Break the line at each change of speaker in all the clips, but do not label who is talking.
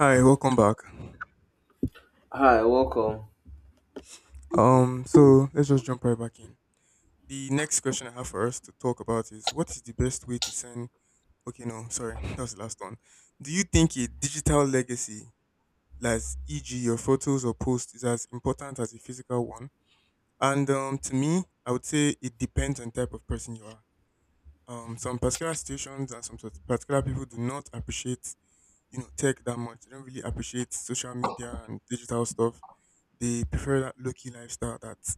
Hi, welcome back.
Hi, welcome.
So let's just jump right back in. The next question I have for us to talk about is what is the best way to send? Okay, no, sorry, that was the last one. Do you think a digital legacy, like e.g. your photos or posts, is as important as a physical one? And To me, I would say it depends on type of person you are. Some particular situations and particular people do not appreciate, tech that much. They don't really appreciate social media and digital stuff. They prefer that low-key lifestyle that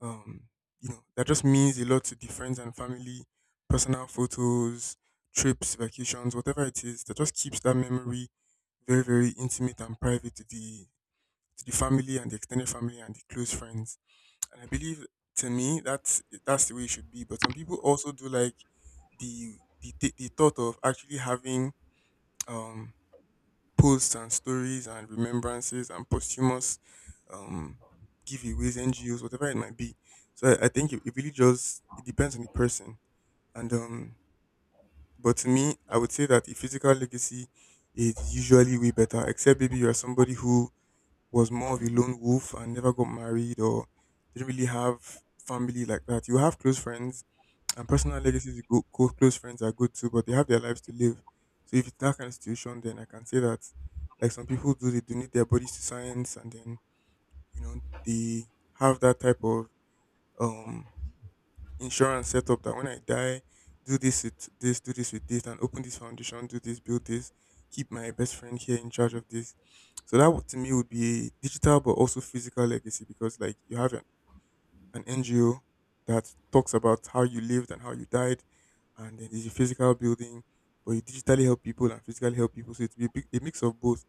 Um, that just means a lot to the friends and family, personal photos, trips, vacations, whatever it is, that just keeps that memory very, very intimate and private to the family and the extended family and the close friends. And I believe to me that's the way it should be. But some people also do like the the thought of actually having um posts and stories and remembrances and posthumous um, giveaways, NGOs, whatever it might be. So I think it really just it depends on the person. And but to me, I would say that the physical legacy is usually way better. Except maybe you are somebody who was more of a lone wolf and never got married or didn't really have family like that. You have close friends, and personal legacies, you go, close friends are good too, but they have their lives to live. So if it's that kind of situation, then I can say that, like some people do, they donate their bodies to science, and then you know they have that type of um insurance setup that when I die, do this with this, do this with this, and open this foundation, do this, build this, keep my best friend here in charge of this. So to me would be a digital but also physical legacy because like you have an NGO that talks about how you lived and how you died, and then there's a physical building, but you digitally help people and physically help people. So it's a mix of both.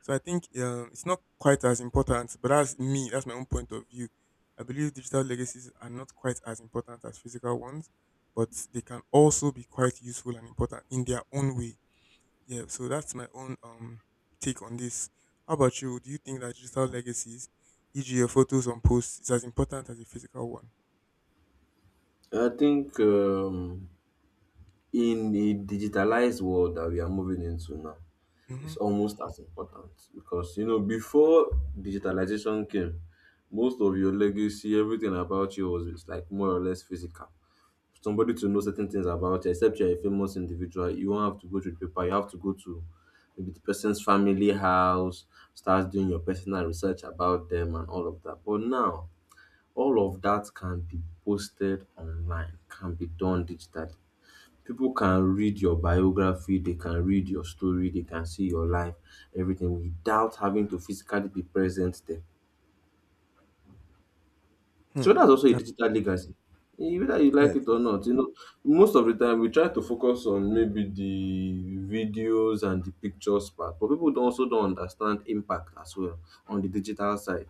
So I think it's not quite as important, but that's me. That's my own point of view. I believe digital legacies are not quite as important as physical ones, but they can also be quite useful and important in their own way. Yeah, so that's my own take on this. How about you? Do you think that digital legacies, e.g., your photos on posts, is as important as a physical one?
I think in the digitalized world that we are moving into now, it's
Mm-hmm.
almost as important because you know before digitalization came, most of your legacy, everything about you was like more or less physical. Somebody to know certain things about you, except you're a famous individual, you won't have to go to the paper. You have to go to maybe the person's family house, start doing your personal research about them and all of that. But now all of that can be posted online, can be done digitally. People can read your biography, they can read your story, they can see your life, everything without having to physically be present there.
Hmm.
So that's also a digital legacy. Whether you
Yeah,
like
it
it
is.
or not, you know, most of the time we try to focus on maybe the videos and the pictures part, but people don't also don't understand impact as well on the digital side.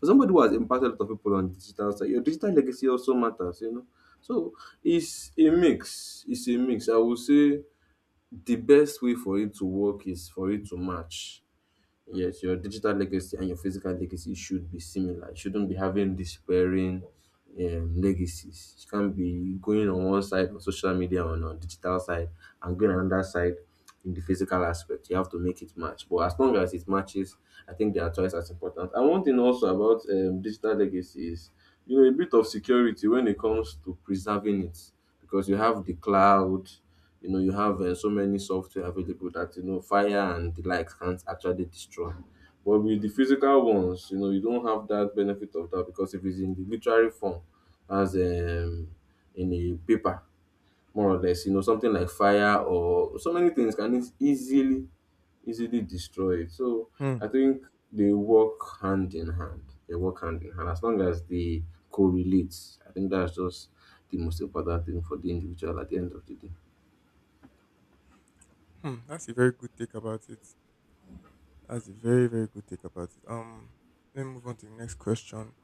For somebody who has impacted a lot of people on the digital side, your digital legacy also matters, you know. So it's a mix. It's a mix. I would say the best way for it to work is for it to match. Yes, your digital legacy and your physical legacy should be similar. You shouldn't be having despairing legacies. You can't be going on one side on social media on digital side and going on another side in the physical aspect. You have to make it match. But as long as it matches, I think they are twice as important. And one thing also about digital legacy is you know a bit of security when it comes to preserving it because you have the cloud, you know you have so many software available that you know fire and the likes can't actually destroy, but with the physical ones you know you don't have that benefit of that because if it's in the literary form as in a paper, more or less, you know something like fire or so many things can easily easily destroy it. So
Hmm.
I think they work hand in hand, they work hand in hand as long as they correlate. I think that's just the most important thing for the individual at the end of the day.
Hmm. That's a very good take about it. That's a very very good take about it. Let me move on to the next question,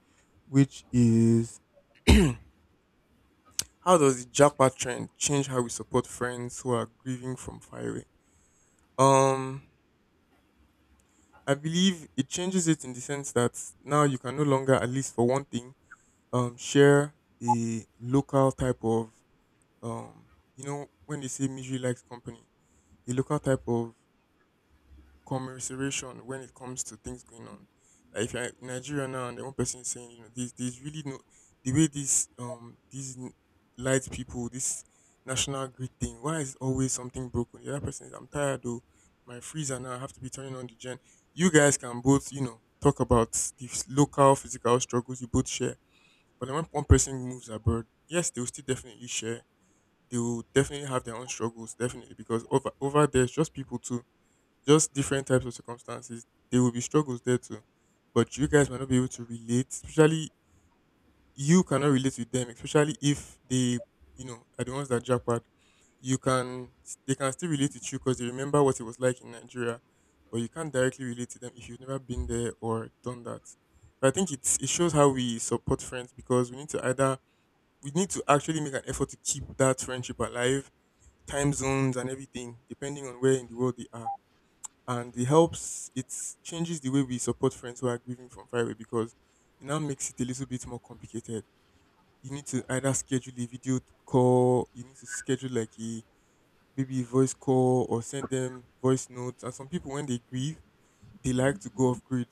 which is, how does the jackpot trend change how we support friends who are grieving from far away? Um, I believe it changes it in the sense that now you can no longer, at least for one thing, share a local type of um when they say misery likes company, a local type of commiseration when it comes to things going on, like if you're in Nigeria now and then one person is saying, you know, there's really no the way these light people, this national grid thing, why is always something broken? The other person is, I'm tired though, my freezer now I have to be turning on the gen. You guys can both, you know, talk about the local physical struggles you both share. But then when one person moves abroad, yes, they will still definitely share. They will definitely have their own struggles, definitely, because over there's just people too, just different types of circumstances. There will be struggles there too. But you guys might not be able to relate, especially you cannot relate with them, especially if they, you know, are the ones that jackpot. You can They can still relate with you because they remember what it was like in Nigeria, but you can't directly relate to them if you've never been there or done that. So I think it shows how we support friends because we need to actually make an effort to keep that friendship alive, time zones and everything, depending on where in the world they are. And it changes the way we support friends who are grieving from far away because it now makes it a little bit more complicated. You need to either schedule a video call, you need to schedule like a maybe a voice call or send them voice notes. And some people, when they grieve, they like to go off grid.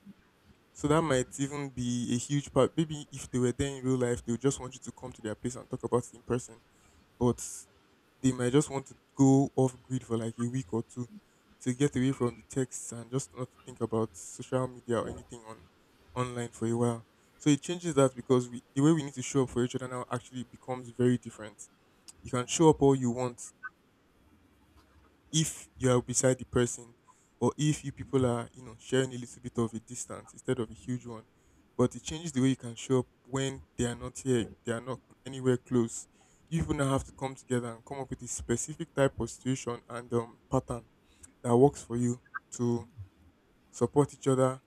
So that might even be a huge part. Maybe if they were there in real life, they would just want you to come to their place and talk about it in person, but they might just want to go off grid for like a week or two to get away from the texts and just not think about social media or anything on online for a while. So it changes that because the way we need to show up for each other now actually becomes very different. You can show up all you want if you are beside the person or if you people are, you know, sharing a little bit of a distance instead of a huge one. But it changes the way you can show up when they are not here, they are not anywhere close. You even now have to come together and come up with a specific type of situation and pattern that works for you to support each other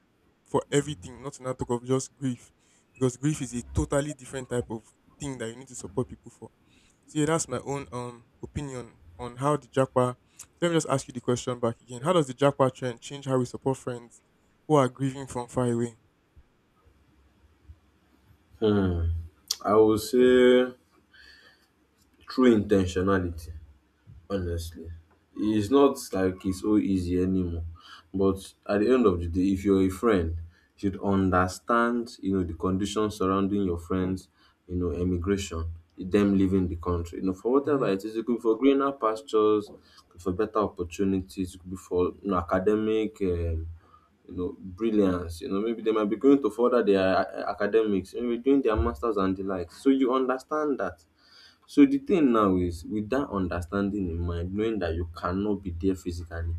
for everything, not to now talk of just grief. Because grief is a totally different type of thing that you need to support people for. So yeah, that's my own opinion on how the Japa. Let me just ask you the question back again. How does the Japa trend change how we support friends who are grieving from far away?
I would say true intentionality, honestly. It's not like it's so easy anymore. But at the end of the day, if you're a friend, you should understand, you know, the conditions surrounding your friends, you know, emigration, them leaving the country. You know, for whatever
Mhm.
it is, it could be for greener pastures, could be for better opportunities, it could be for you know, academic you know, brilliance. You know, maybe they might be going to further their academics, maybe doing their masters and the like. So you understand that. So the thing now is with that understanding in mind, knowing that you cannot be there physically,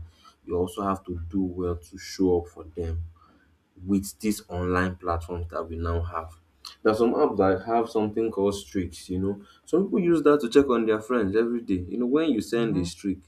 you also have to do well to show up for them with these online platforms that we now have. There are some apps that have something called streaks, you know. Some people use that to check on their friends every day. You know, when you send a
Mm-hmm,
streak,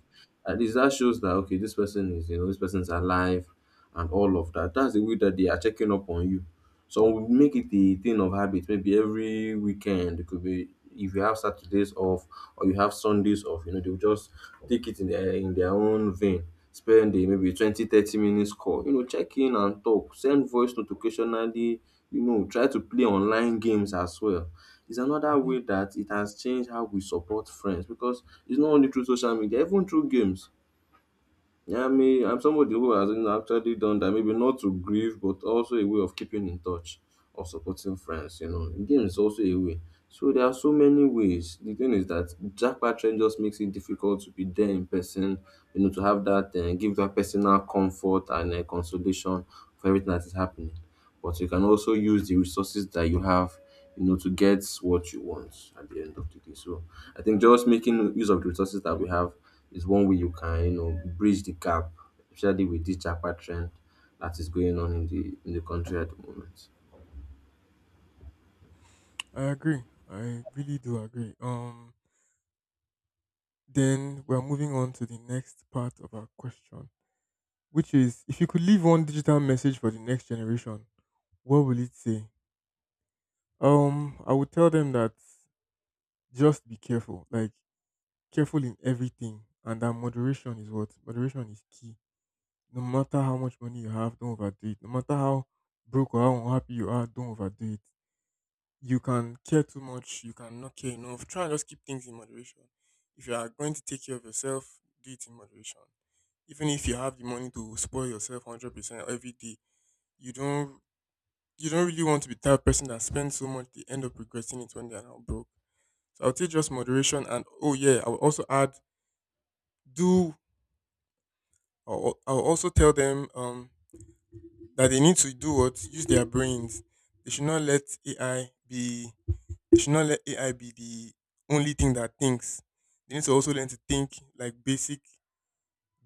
at least that shows that okay, this person is, you know, this person's alive and all of that. That's the way that they are checking up on you. So we make it a thing of habit, maybe every weekend. It could be if you have Saturdays off or you have Sundays off, you know, they'll just take it in their own vein. Spend a maybe 20-30 minutes call, you know, check in and talk, send voice notification, you know, try to play online games as well. It's another
mm-hmm.
way that it has changed how we support friends because it's not only through social media, even through games. Yeah, I mean I'm somebody who has, you know, actually done that, maybe not to grieve but also a way of keeping in touch or supporting friends, you know, game is also a way. So there are so many ways. The thing is that jackpot trend just makes it difficult to be there in person, you know, to have that give that personal comfort and consolation for everything that is happening, but you can also use the resources that you have, you know, to get what you want at the end of the day. So I think just making use of the resources that we have is one way you can, you know, bridge the gap, especially with this Japa trend that is going on in the country at the moment.
I agree. I really do agree. Then we're moving on to the next part of our question, which is if you could leave one digital message for the next generation, what will it say? I would tell them that just be careful, like careful in everything, and that moderation is key. No matter how much money you have, don't overdo it. No matter how broke or how unhappy you are, don't overdo it. You can care too much, you can not care enough. Try and just keep things in moderation. If you are going to take care of yourself, do it in moderation. Even if you have the money to spoil yourself 100% every day, you don't you don't really want to be that person that spends so much they end up regretting it when they are now broke. So I'll take just moderation and oh yeah, I will also add do I'll also tell them that they need to do what use their brains. They should not let AI be You should not let AI be the only thing that thinks. They need to also learn to think, like, basic,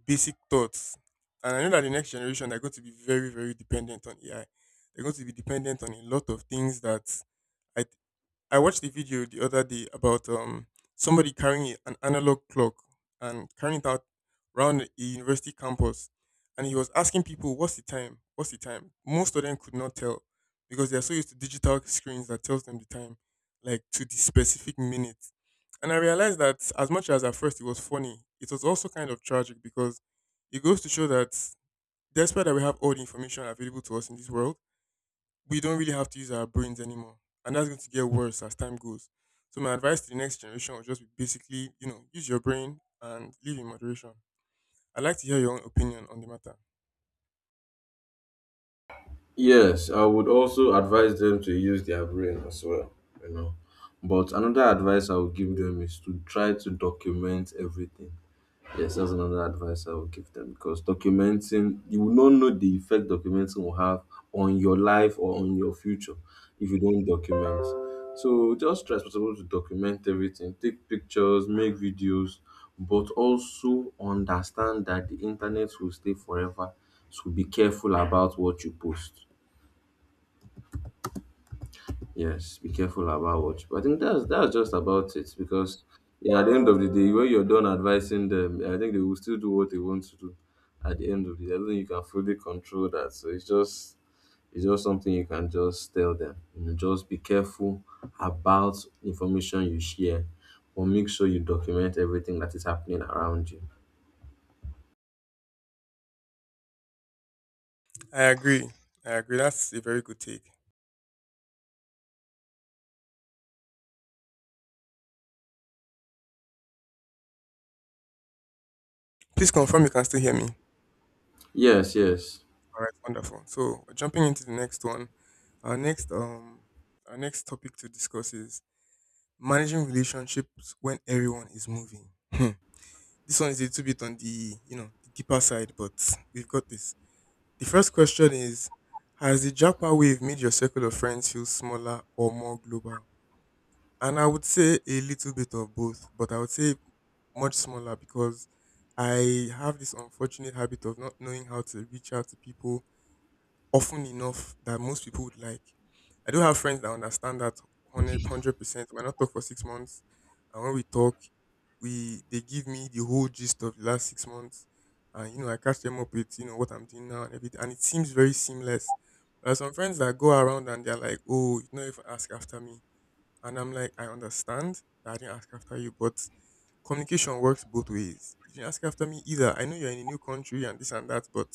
basic thoughts. And I know that the next generation, they're going to be very, very dependent on AI. They're going to be dependent on a lot of things that I I watched a video the other day about somebody carrying an analog clock and carrying it out around a university campus, and he was asking people, "What's the time? What's the time?" Most of them could not tell because they are so used to digital screens that tells them the time, like to the specific minute. And I realized that as much as at first it was funny, it was also kind of tragic because it goes to show that despite that we have all the information available to us in this world, we don't really have to use our brains anymore. And that's going to get worse as time goes. So my advice to the next generation would just be basically, you know, use your brain and live in moderation. I'd like to hear your own opinion on the matter.
Yes, I would also advise them to use their brain as well, you know. But another advice I would give them is to try to document everything. Yes, that's another advice I would give them because documenting, you will not know the effect documenting will have on your life or on your future if you don't document. So just try as possible to document everything, take pictures, make videos, but also understand that the internet will stay forever. So be careful about what you post. Yes, be careful about what. But I think that's just about it because yeah, at the end of the day, when you're done advising them, I think they will still do what they want to do. At the end of the day, I don't think you can fully control that. So it's just, it's just something you can just tell them. You know, just be careful about information you share, or make sure you document everything that is happening around you.
I agree. I agree. That's a very good take. Please confirm you can still hear me. All
Yes, yes.
right, wonderful. So we're jumping into the next one. Our next um our next topic to discuss is managing relationships when everyone is moving. Hmm. This one is a little bit on the, you know, the deeper side, but we've got this. The first question is, has the Japa wave made your circle of friends feel smaller or more global? And I would say a little bit of both, but I would say much smaller because I have this unfortunate habit of not knowing how to reach out to people often enough that most people would like. I do have friends that understand that 100%. We might not talk for 6 months, and when we talk, we they give me the whole gist of the last 6 months, and you know I catch them up with you know what I'm doing now and everything, and it seems very seamless. There are some friends that go around and they're like, "Oh, you know, if ask after me," and I'm like, "I understand that I didn't ask after you, but communication works both ways. You didn't ask after me either. I know you're in a new country and this and that, but."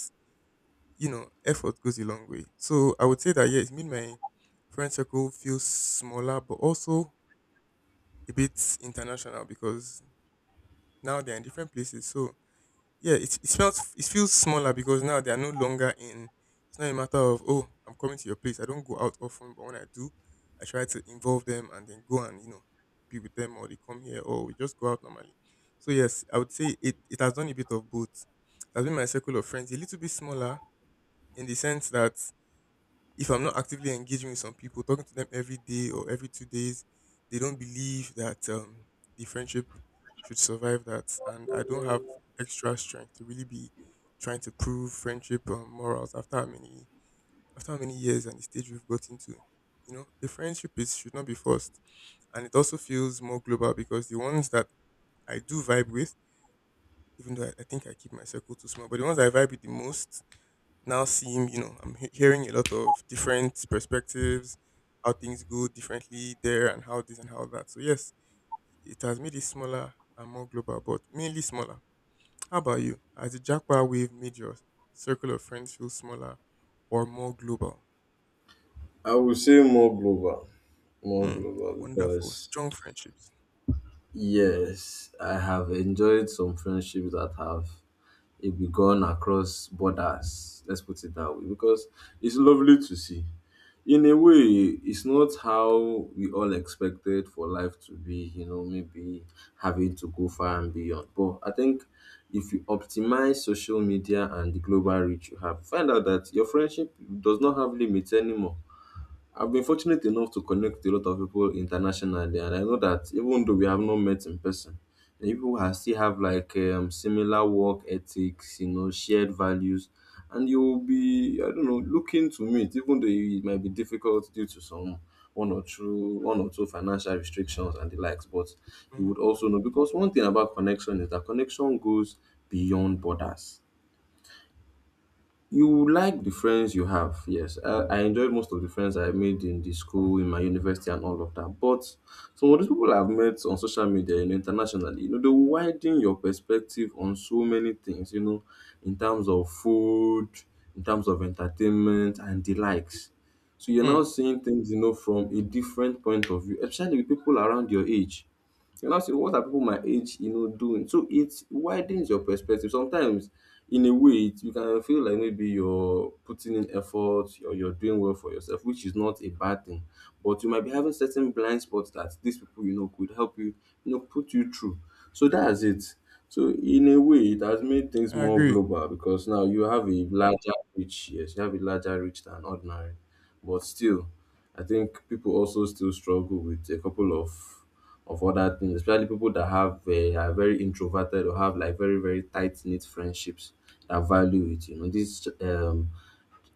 You know, effort goes a long way. So I would say that yeah, it's made my friend circle feel smaller, but also a bit international because now they're in different places. So yeah, it feels it feels smaller because now they are no longer in. It's not a matter of oh, I'm coming to your place. I don't go out often, but when I do, I try to involve them and then go and you know be with them, or they come here, or we just go out normally. So yes, I would say it has done a bit of both. It has been my circle of friends a little bit smaller in the sense that if I'm not actively engaging with some people, talking to them every day or every 2 days, they don't believe that the friendship should survive that. And I don't have extra strength to really be trying to prove friendship morals after how many years and the stage we've got into. You know, the friendship is should not be forced, and it also feels more global because the ones that I do vibe with, even though I think I keep my circle too small, but the ones I vibe with the most now seeing, you know, hearing a lot of different perspectives, how things go differently there and how this and how that. So yes, it has made it smaller and more global, but mainly smaller. How about you? Has the jackpot wave made your circle of friends feel smaller or more global?
I would say more
Hmm.
global
Wonderful.
because
Strong friendships.
yes, I have enjoyed some friendships that have begun across borders. Let's put it that way because it's lovely to see. In a way, it's not how we all expected for life to be, you know, maybe having to go far and beyond. But I think if you optimize social media and the global reach you have, find out that your friendship does not have limits anymore. I've been fortunate enough to connect with a lot of people internationally, and I know that even though we have not met in person, the people who still have like similar work ethics, you know, shared values, and you'll be, I don't know, looking to meet, even though it might be difficult due to some one or two financial restrictions and the likes. But you would
Mm-hmm.
also know because one thing about connection is that connection goes beyond borders. You like the friends you have, yes. I enjoyed most of the friends I made in the school, in my university, and all of that. But some of these people I've met on social media and internationally, you know, they will widen your perspective on so many things, you know, in terms of food, in terms of entertainment, and the likes. So you're
Hmm,
now seeing things, you know, from a different point of view, especially with people around your age. You now say what are people my age, you know, doing? So it widens your perspective. Sometimes in a way it, you can feel like maybe you're putting in effort or you're doing well for yourself, which is not a bad thing. But you might be having certain blind spots that these people, you know, could help you, you know, put you through. So that's it. So in a way, it has made things
I
more
agree.
global because now you have a larger reach. Yes, you have a larger reach than ordinary, but still I think people also still struggle with a couple of other things, especially people that have are very introverted or have like very very tight knit friendships that value it. You know, this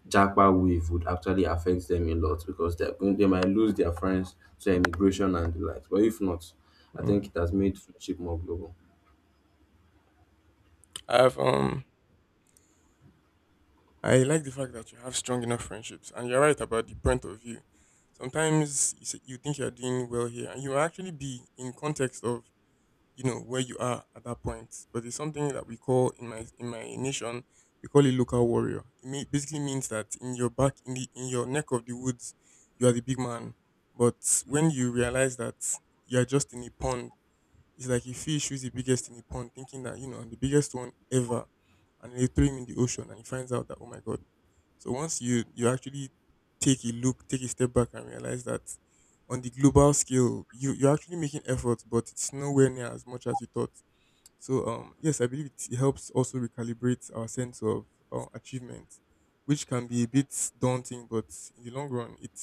jackpot wave would actually affect them a lot because they're going, they might lose their friends to immigration and the like. But if not, I
Mm.
think it has made friendship more global.
I've um I like the fact that you have strong enough friendships, and you're right about the point of view. Sometimes you, say, you think you're doing well here, and you will actually be in context of you know where you are at that point. But it's something that we call in my nation we call it local warrior. Basically means that in your back in the in your neck of the woods, you are the big man. But when you realize that you are just in a pond, it's like a fish who's the biggest in the pond, thinking that you know I'm the biggest one ever, and they throw him in the ocean, and he finds out that oh my god. So once you actually take a look, take a step back and realize that on the global scale, you're actually making efforts, but it's nowhere near as much as you thought. So yes, I believe it helps also recalibrate our sense of achievement, which can be a bit daunting, but in the long run, it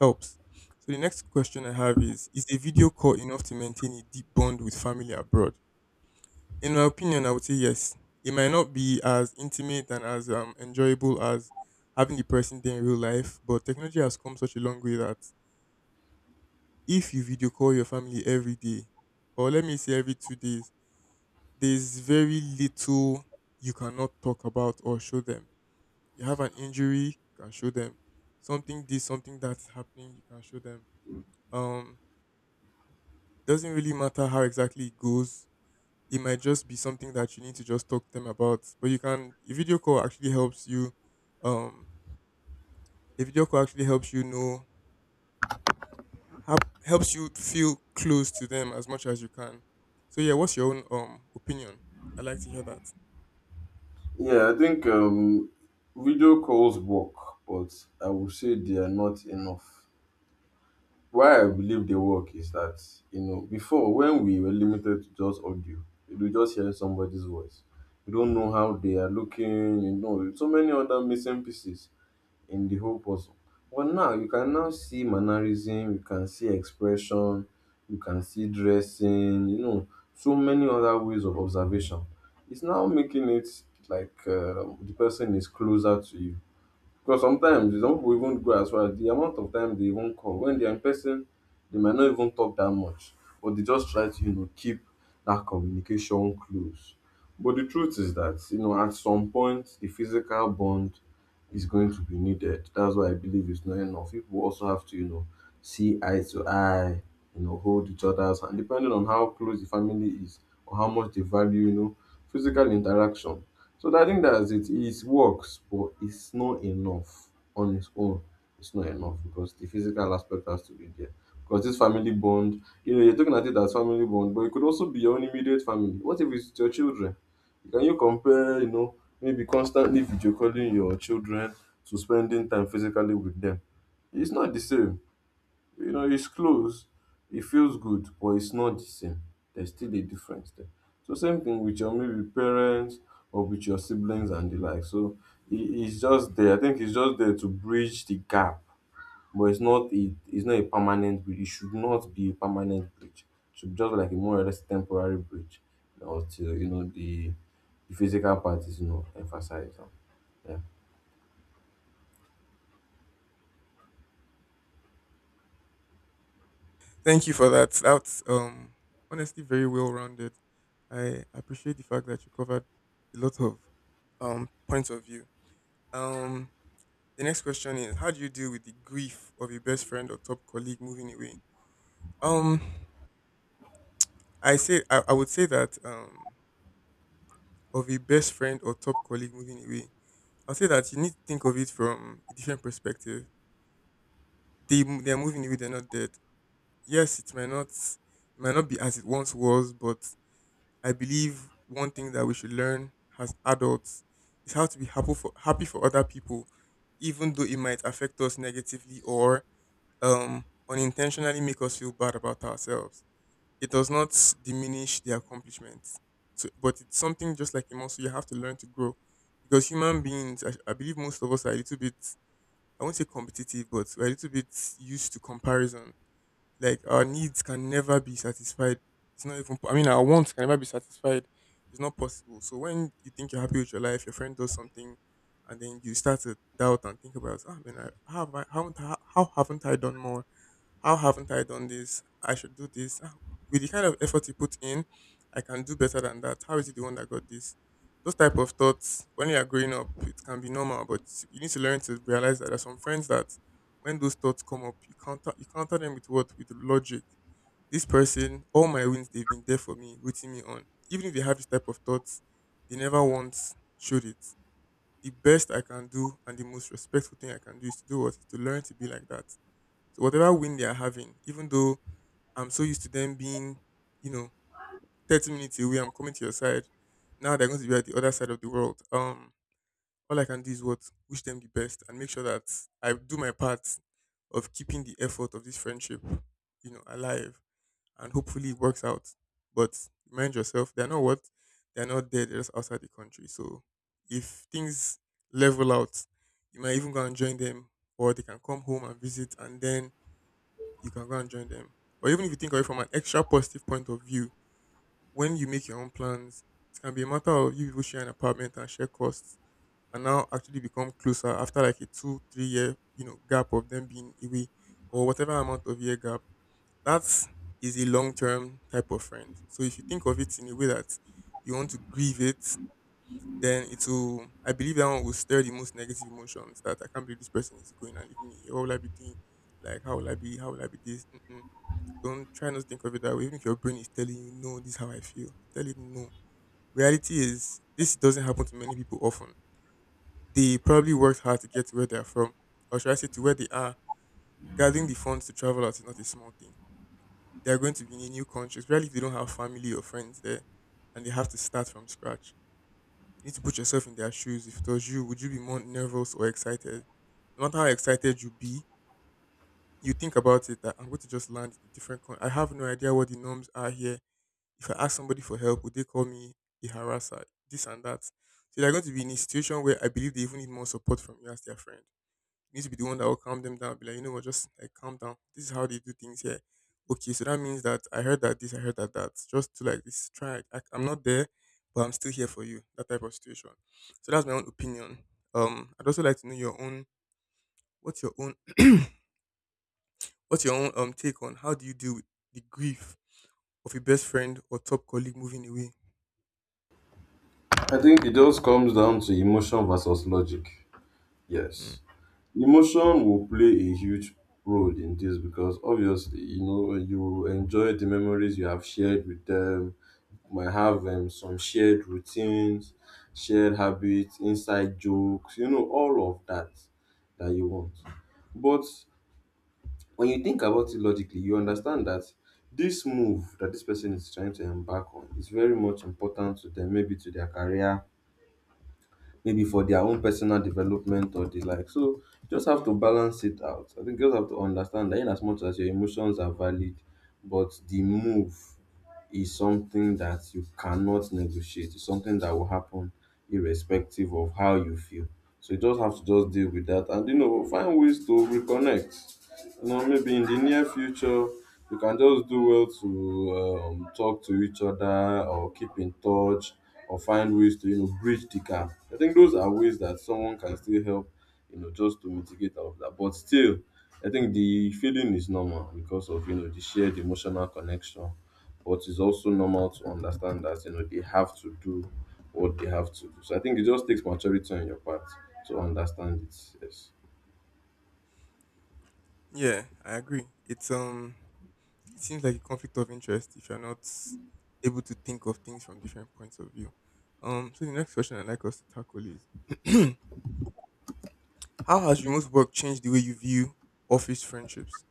helps. So the next question I have is a video call enough to maintain a deep bond with family abroad? In my opinion, I would say yes. It might not be as intimate and as enjoyable as having the person there in real life, but technology has come such a long way that if you video call your family every day, or let me say every 2 days, there's very little you cannot talk about or show them. You have an injury, you can show them. Something this, something that's happening, you can show them. Um, doesn't really matter how exactly it goes. It might just be something that you need to just talk to them about. But you can um a video call actually helps you know helps you feel close to them as much as you can. So yeah, what's your own opinion? I'd like to hear that.
Yeah, I think video calls work, but I would say they are not enough. Why I believe they work is that you know before when we were limited to just audio, you were just hearing somebody's voice. You don't know how they are looking, you know, so many other missing pieces in the whole puzzle. But now you can now see mannerism, you can see expression, you can see dressing, you know, so many other ways of observation. It's now making it like the person is closer to you because sometimes some people even go as far as the amount of time they even call when they are in person, they might not even talk that much, but they just try to you know keep that communication close. But the truth is that you know at some point the physical bond is going to be needed. That's why I believe it's not enough. People also have to you know see eye to eye, you know hold each other's hand, depending on how close the family is or how much they value you know physical interaction. So that, I think that's it. It works, but it's not enough on its own. It's not enough because the physical aspect has to be there. Because this family bond, you know, you're talking at it as family bond, but it could also be your own immediate family. What if it's your children? Can you compare, you know, maybe constantly video calling your children to spending time physically with them? It's not the same. You know, it's close. It feels good, but it's not the same. There's still a difference there. So same thing with your maybe parents or with your siblings and the like. So it's just there. I think it's just there to bridge the gap, but it's not a permanent bridge. It should not be a permanent bridge. It should be just like a more or less temporary bridge, until you know the physical part is you know emphasized. Yeah.
Thank you for that. That's honestly very well rounded. I appreciate the fact that you covered a lot of points of view. Um the next question is how do you deal with the grief of your best friend or top colleague moving away? Um I say I would say that of a best friend or top colleague moving away. I'll say that you need to think of it from a different perspective. They're moving away, they're not dead. Yes, it might not be as it once was, but I believe one thing that we should learn as adults is how to be happy for other people, even though it might affect us negatively or unintentionally make us feel bad about ourselves. It does not diminish the accomplishment. So, but it's something just like a muscle you have to learn to grow because human beings, I believe most of us are a little bit, I won't say competitive, but we're a little bit used to comparison. Like our needs can never be satisfied. It's not even, I mean, our wants can never be satisfied. It's not possible. So when you think you're happy with your life, your friend does something, and then you start to doubt and think about, ah, man, I, how, have I, how haven't I done more? How haven't I done this? I should do this. Ah, with the kind of effort you put in, I can do better than that. How is it the one that got this? Those type of thoughts, when you are growing up, it can be normal, but you need to learn to realize that there are some friends that when those thoughts come up, you counter them with what? With logic. This person, all my wins, they've been there for me, rooting me on. Even if they have this type of thoughts, they never once showed it. The best I can do and the most respectful thing I can do is to do what is to learn to be like that. So whatever win they are having, even though I'm so used to them being, you know, 30 minutes away, I'm coming to your side. Now they're going to be at the other side of the world. All I can do is what wish them the best and make sure that I do my part of keeping the effort of this friendship, you know, alive and hopefully it works out. But remind yourself, they're not there. They're just outside the country. So if things level out, you might even go and join them, or they can come home and visit, and then you can go and join them. Or even if you think of it from an extra positive point of view, when you make your own plans, it can be a matter of you people share an apartment and share costs and now actually become closer after like a two, 3 year, you know, gap of them being away or whatever amount of year gap. That's is a long term type of friend. So if you think of it in a way that you want to grieve it, then it will I believe that one will stir the most negative emotions that I can't believe this person is going and leaving me. What will I be doing? Like how will I be this? Mm-mm, don't try not to think of it that way. Even if your brain is telling you, no, this is how I feel. You tell it no. Reality is this doesn't happen to many people often. They probably worked hard to get to where they are from. Or should I say to where they are. Gathering the funds to travel out is not a small thing. They are going to be in a new country, especially if they don't have family or friends there and they have to start from scratch. You need to put yourself in their shoes. If it was you, would you be more nervous or excited? No matter how excited you be, you think about it that I'm going to just land in a different country. I have no idea what the norms are here. If I ask somebody for help, would they call me a harasser? This and that. So they're going to be in a situation where I believe they even need more support from you as their friend. You need to be the one that will calm them down. Be like, you know what, just like calm down. This is how they do things here. Okay, so that means that I heard that this, I heard that that. Just to like this, try. Like, I'm not there, but I'm still here for you. That type of situation. So that's my own opinion. I'd also like to know your own. What's your own? What's your own take on how do you deal with the grief of a best friend or top colleague moving away?
I think it just comes down to emotion versus logic.
Mm.
Yes. Emotion will play a huge role in this because obviously, you know, you enjoy the memories you have shared with them, might have some shared routines, shared habits, inside jokes, you know, all of that that you want. But when you think about it logically, you understand that this move that this person is trying to embark on is very much important to them, maybe to their career, maybe for their own personal development or the like. So you just have to
Mhm.
balance it out. I think you just have to understand that in as much as your emotions are valid, but the move is something that you cannot negotiate. It's something that will happen irrespective of how you feel. So you just have to just deal with that and you know find ways to reconnect you know, maybe in the near future, you can just do well to talk to each other or keep in touch or find ways to, you know, bridge the gap. I think those are ways that someone can still help, you know, just to mitigate all of that. But still, I think the feeling is normal because of, you know, the shared emotional connection. But it's also normal to understand that, you know, they have to do what they have to do. So I think it just takes maturity on your part to understand it. Yes.
Yeah, I agree. It's it seems like a conflict of interest if you're not able to think of things from different points of view. So the next question I'd like us to tackle is how has remote work changed the way you view office friendships?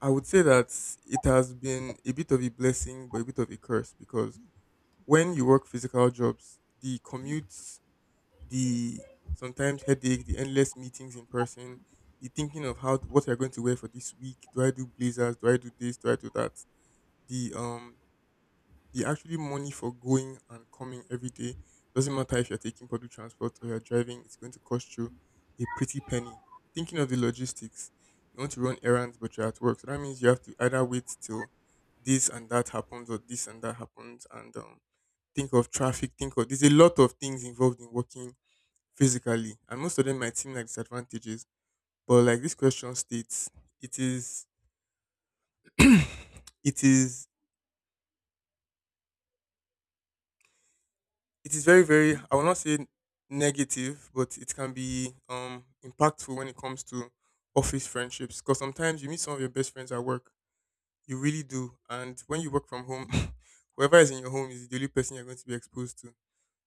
I would say that it has been a bit of a blessing but a bit of a curse because when you work physical jobs, the commute the sometimes headache, the endless meetings in person, the thinking of how what you're going to wear for this week. Do I do blazers? Do I do this? Do I do that? The um the actually money for going and coming every day doesn't matter if you're taking public transport or you're driving. It's going to cost you a pretty penny. Thinking of the logistics, you want to run errands but you're at work, so that means you have to either wait till this and that happens or this and that happens and think of traffic, think of there's a lot of things involved in working physically, and most of them might seem like disadvantages. But like this question states, it is, it is, it is very, very. I will not say negative, but it can be impactful when it comes to office friendships. Because sometimes you meet some of your best friends at work, you really do. And when you work from home, whoever is in your home is the only person you're going to be exposed to.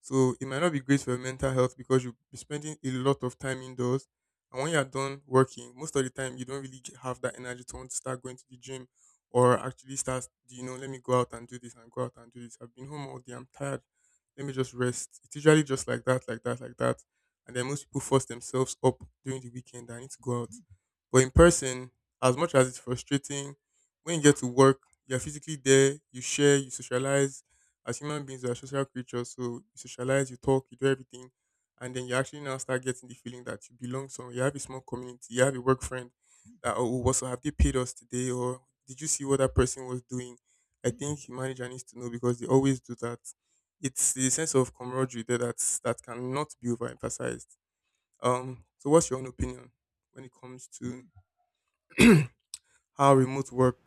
So it might not be great for your mental health because you'll be spending a lot of time indoors. And when you're done working, most of the time you don't really have that energy to want to start going to the gym or actually start, you know, let me go out and do this and go out and do this. I've been home all day, I'm tired. Let me just rest. It's usually just like that, like that, like that. And then most people force themselves up during the weekend. I need to go out. But in person, as much as it's frustrating, when you get to work, you're physically there, you share, you socialize. As human beings, we are social creatures, so you socialize, you talk, you do everything. And then you actually now start getting the feeling that you belong somewhere. You have a small community, you have a work friend that, oh, what's so have they paid us today? Or did you see what that person was doing? I think the manager needs to know because they always do that. It's the sense of camaraderie there that cannot be overemphasized. So, what's your own opinion when it comes to how remote work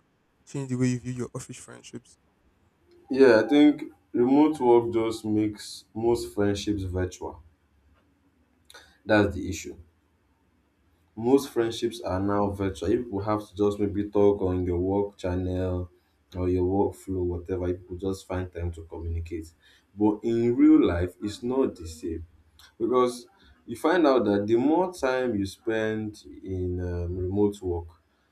changed the way you view your office friendships.
Yeah, I think remote work just makes most friendships virtual. That's the issue. Most friendships are now virtual. You people have to just maybe talk on your work channel or your workflow, whatever. You people just find time to communicate. But in real life, it's not the same because you find out that the more time you spend in remote work,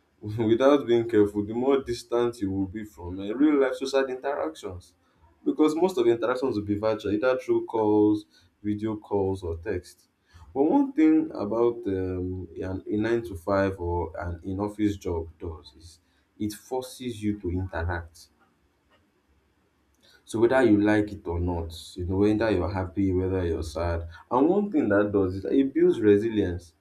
without being careful, the more distant you will be from real life social interactions. Because most of the interactions will be virtual, either through calls, video calls, or text. But one thing about a 9 to 5 or an in office job does is it forces you to interact. So whether you like it or not, you know, whether you're happy, whether you're sad. And one thing that does is that it builds resilience.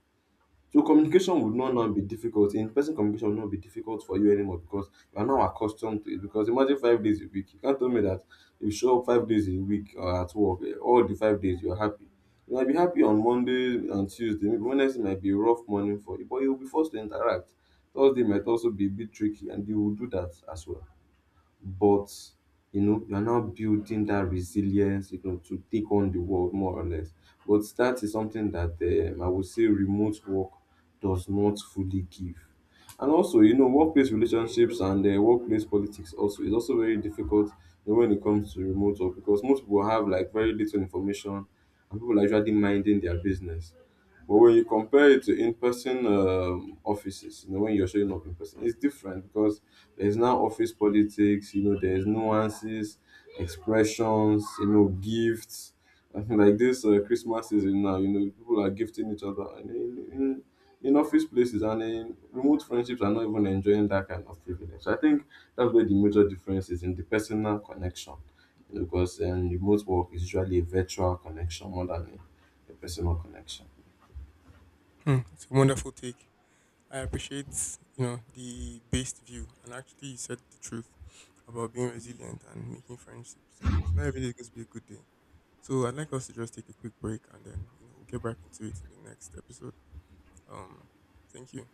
So
Mm-hmm.
communication would not now be difficult. In-person communication will not be difficult for you anymore because you are now accustomed to it. Because imagine 5 days a week. You can't tell me that you show up 5 days a week at work. All the 5 days you're happy. You might be happy on Monday and Tuesday. Maybe Wednesday might be a rough morning for you, but you'll be forced to interact. Thursday might also be a bit tricky, and you will do that as well. But you know you're now building that resilience you know to take on the world more or less, but that is something that I would say remote work does not fully give. And also you know workplace relationships and workplace politics also is also very difficult you know, when it comes to remote work because most people have like very little information and people are usually minding their business. But when you compare it to in-person offices, you know, when you're showing up in person, it's different because there's now office politics, you know, there's nuances, expressions, you know, gifts. I think like this Christmas season now, you know, people are gifting each other. And in office places and in remote friendships are not even enjoying that kind of privilege. So I think that's where the major difference is in the personal connection. You know, because remote work is usually a virtual connection more than a personal connection.
Hmm. That's a wonderful take. I appreciate you know the based view, and actually, you said the truth about being resilient and making friendships. And not every day is going to be a good day. So I'd like us to just take a quick break, and then you know we'll get back into it in the next episode. Um, thank you.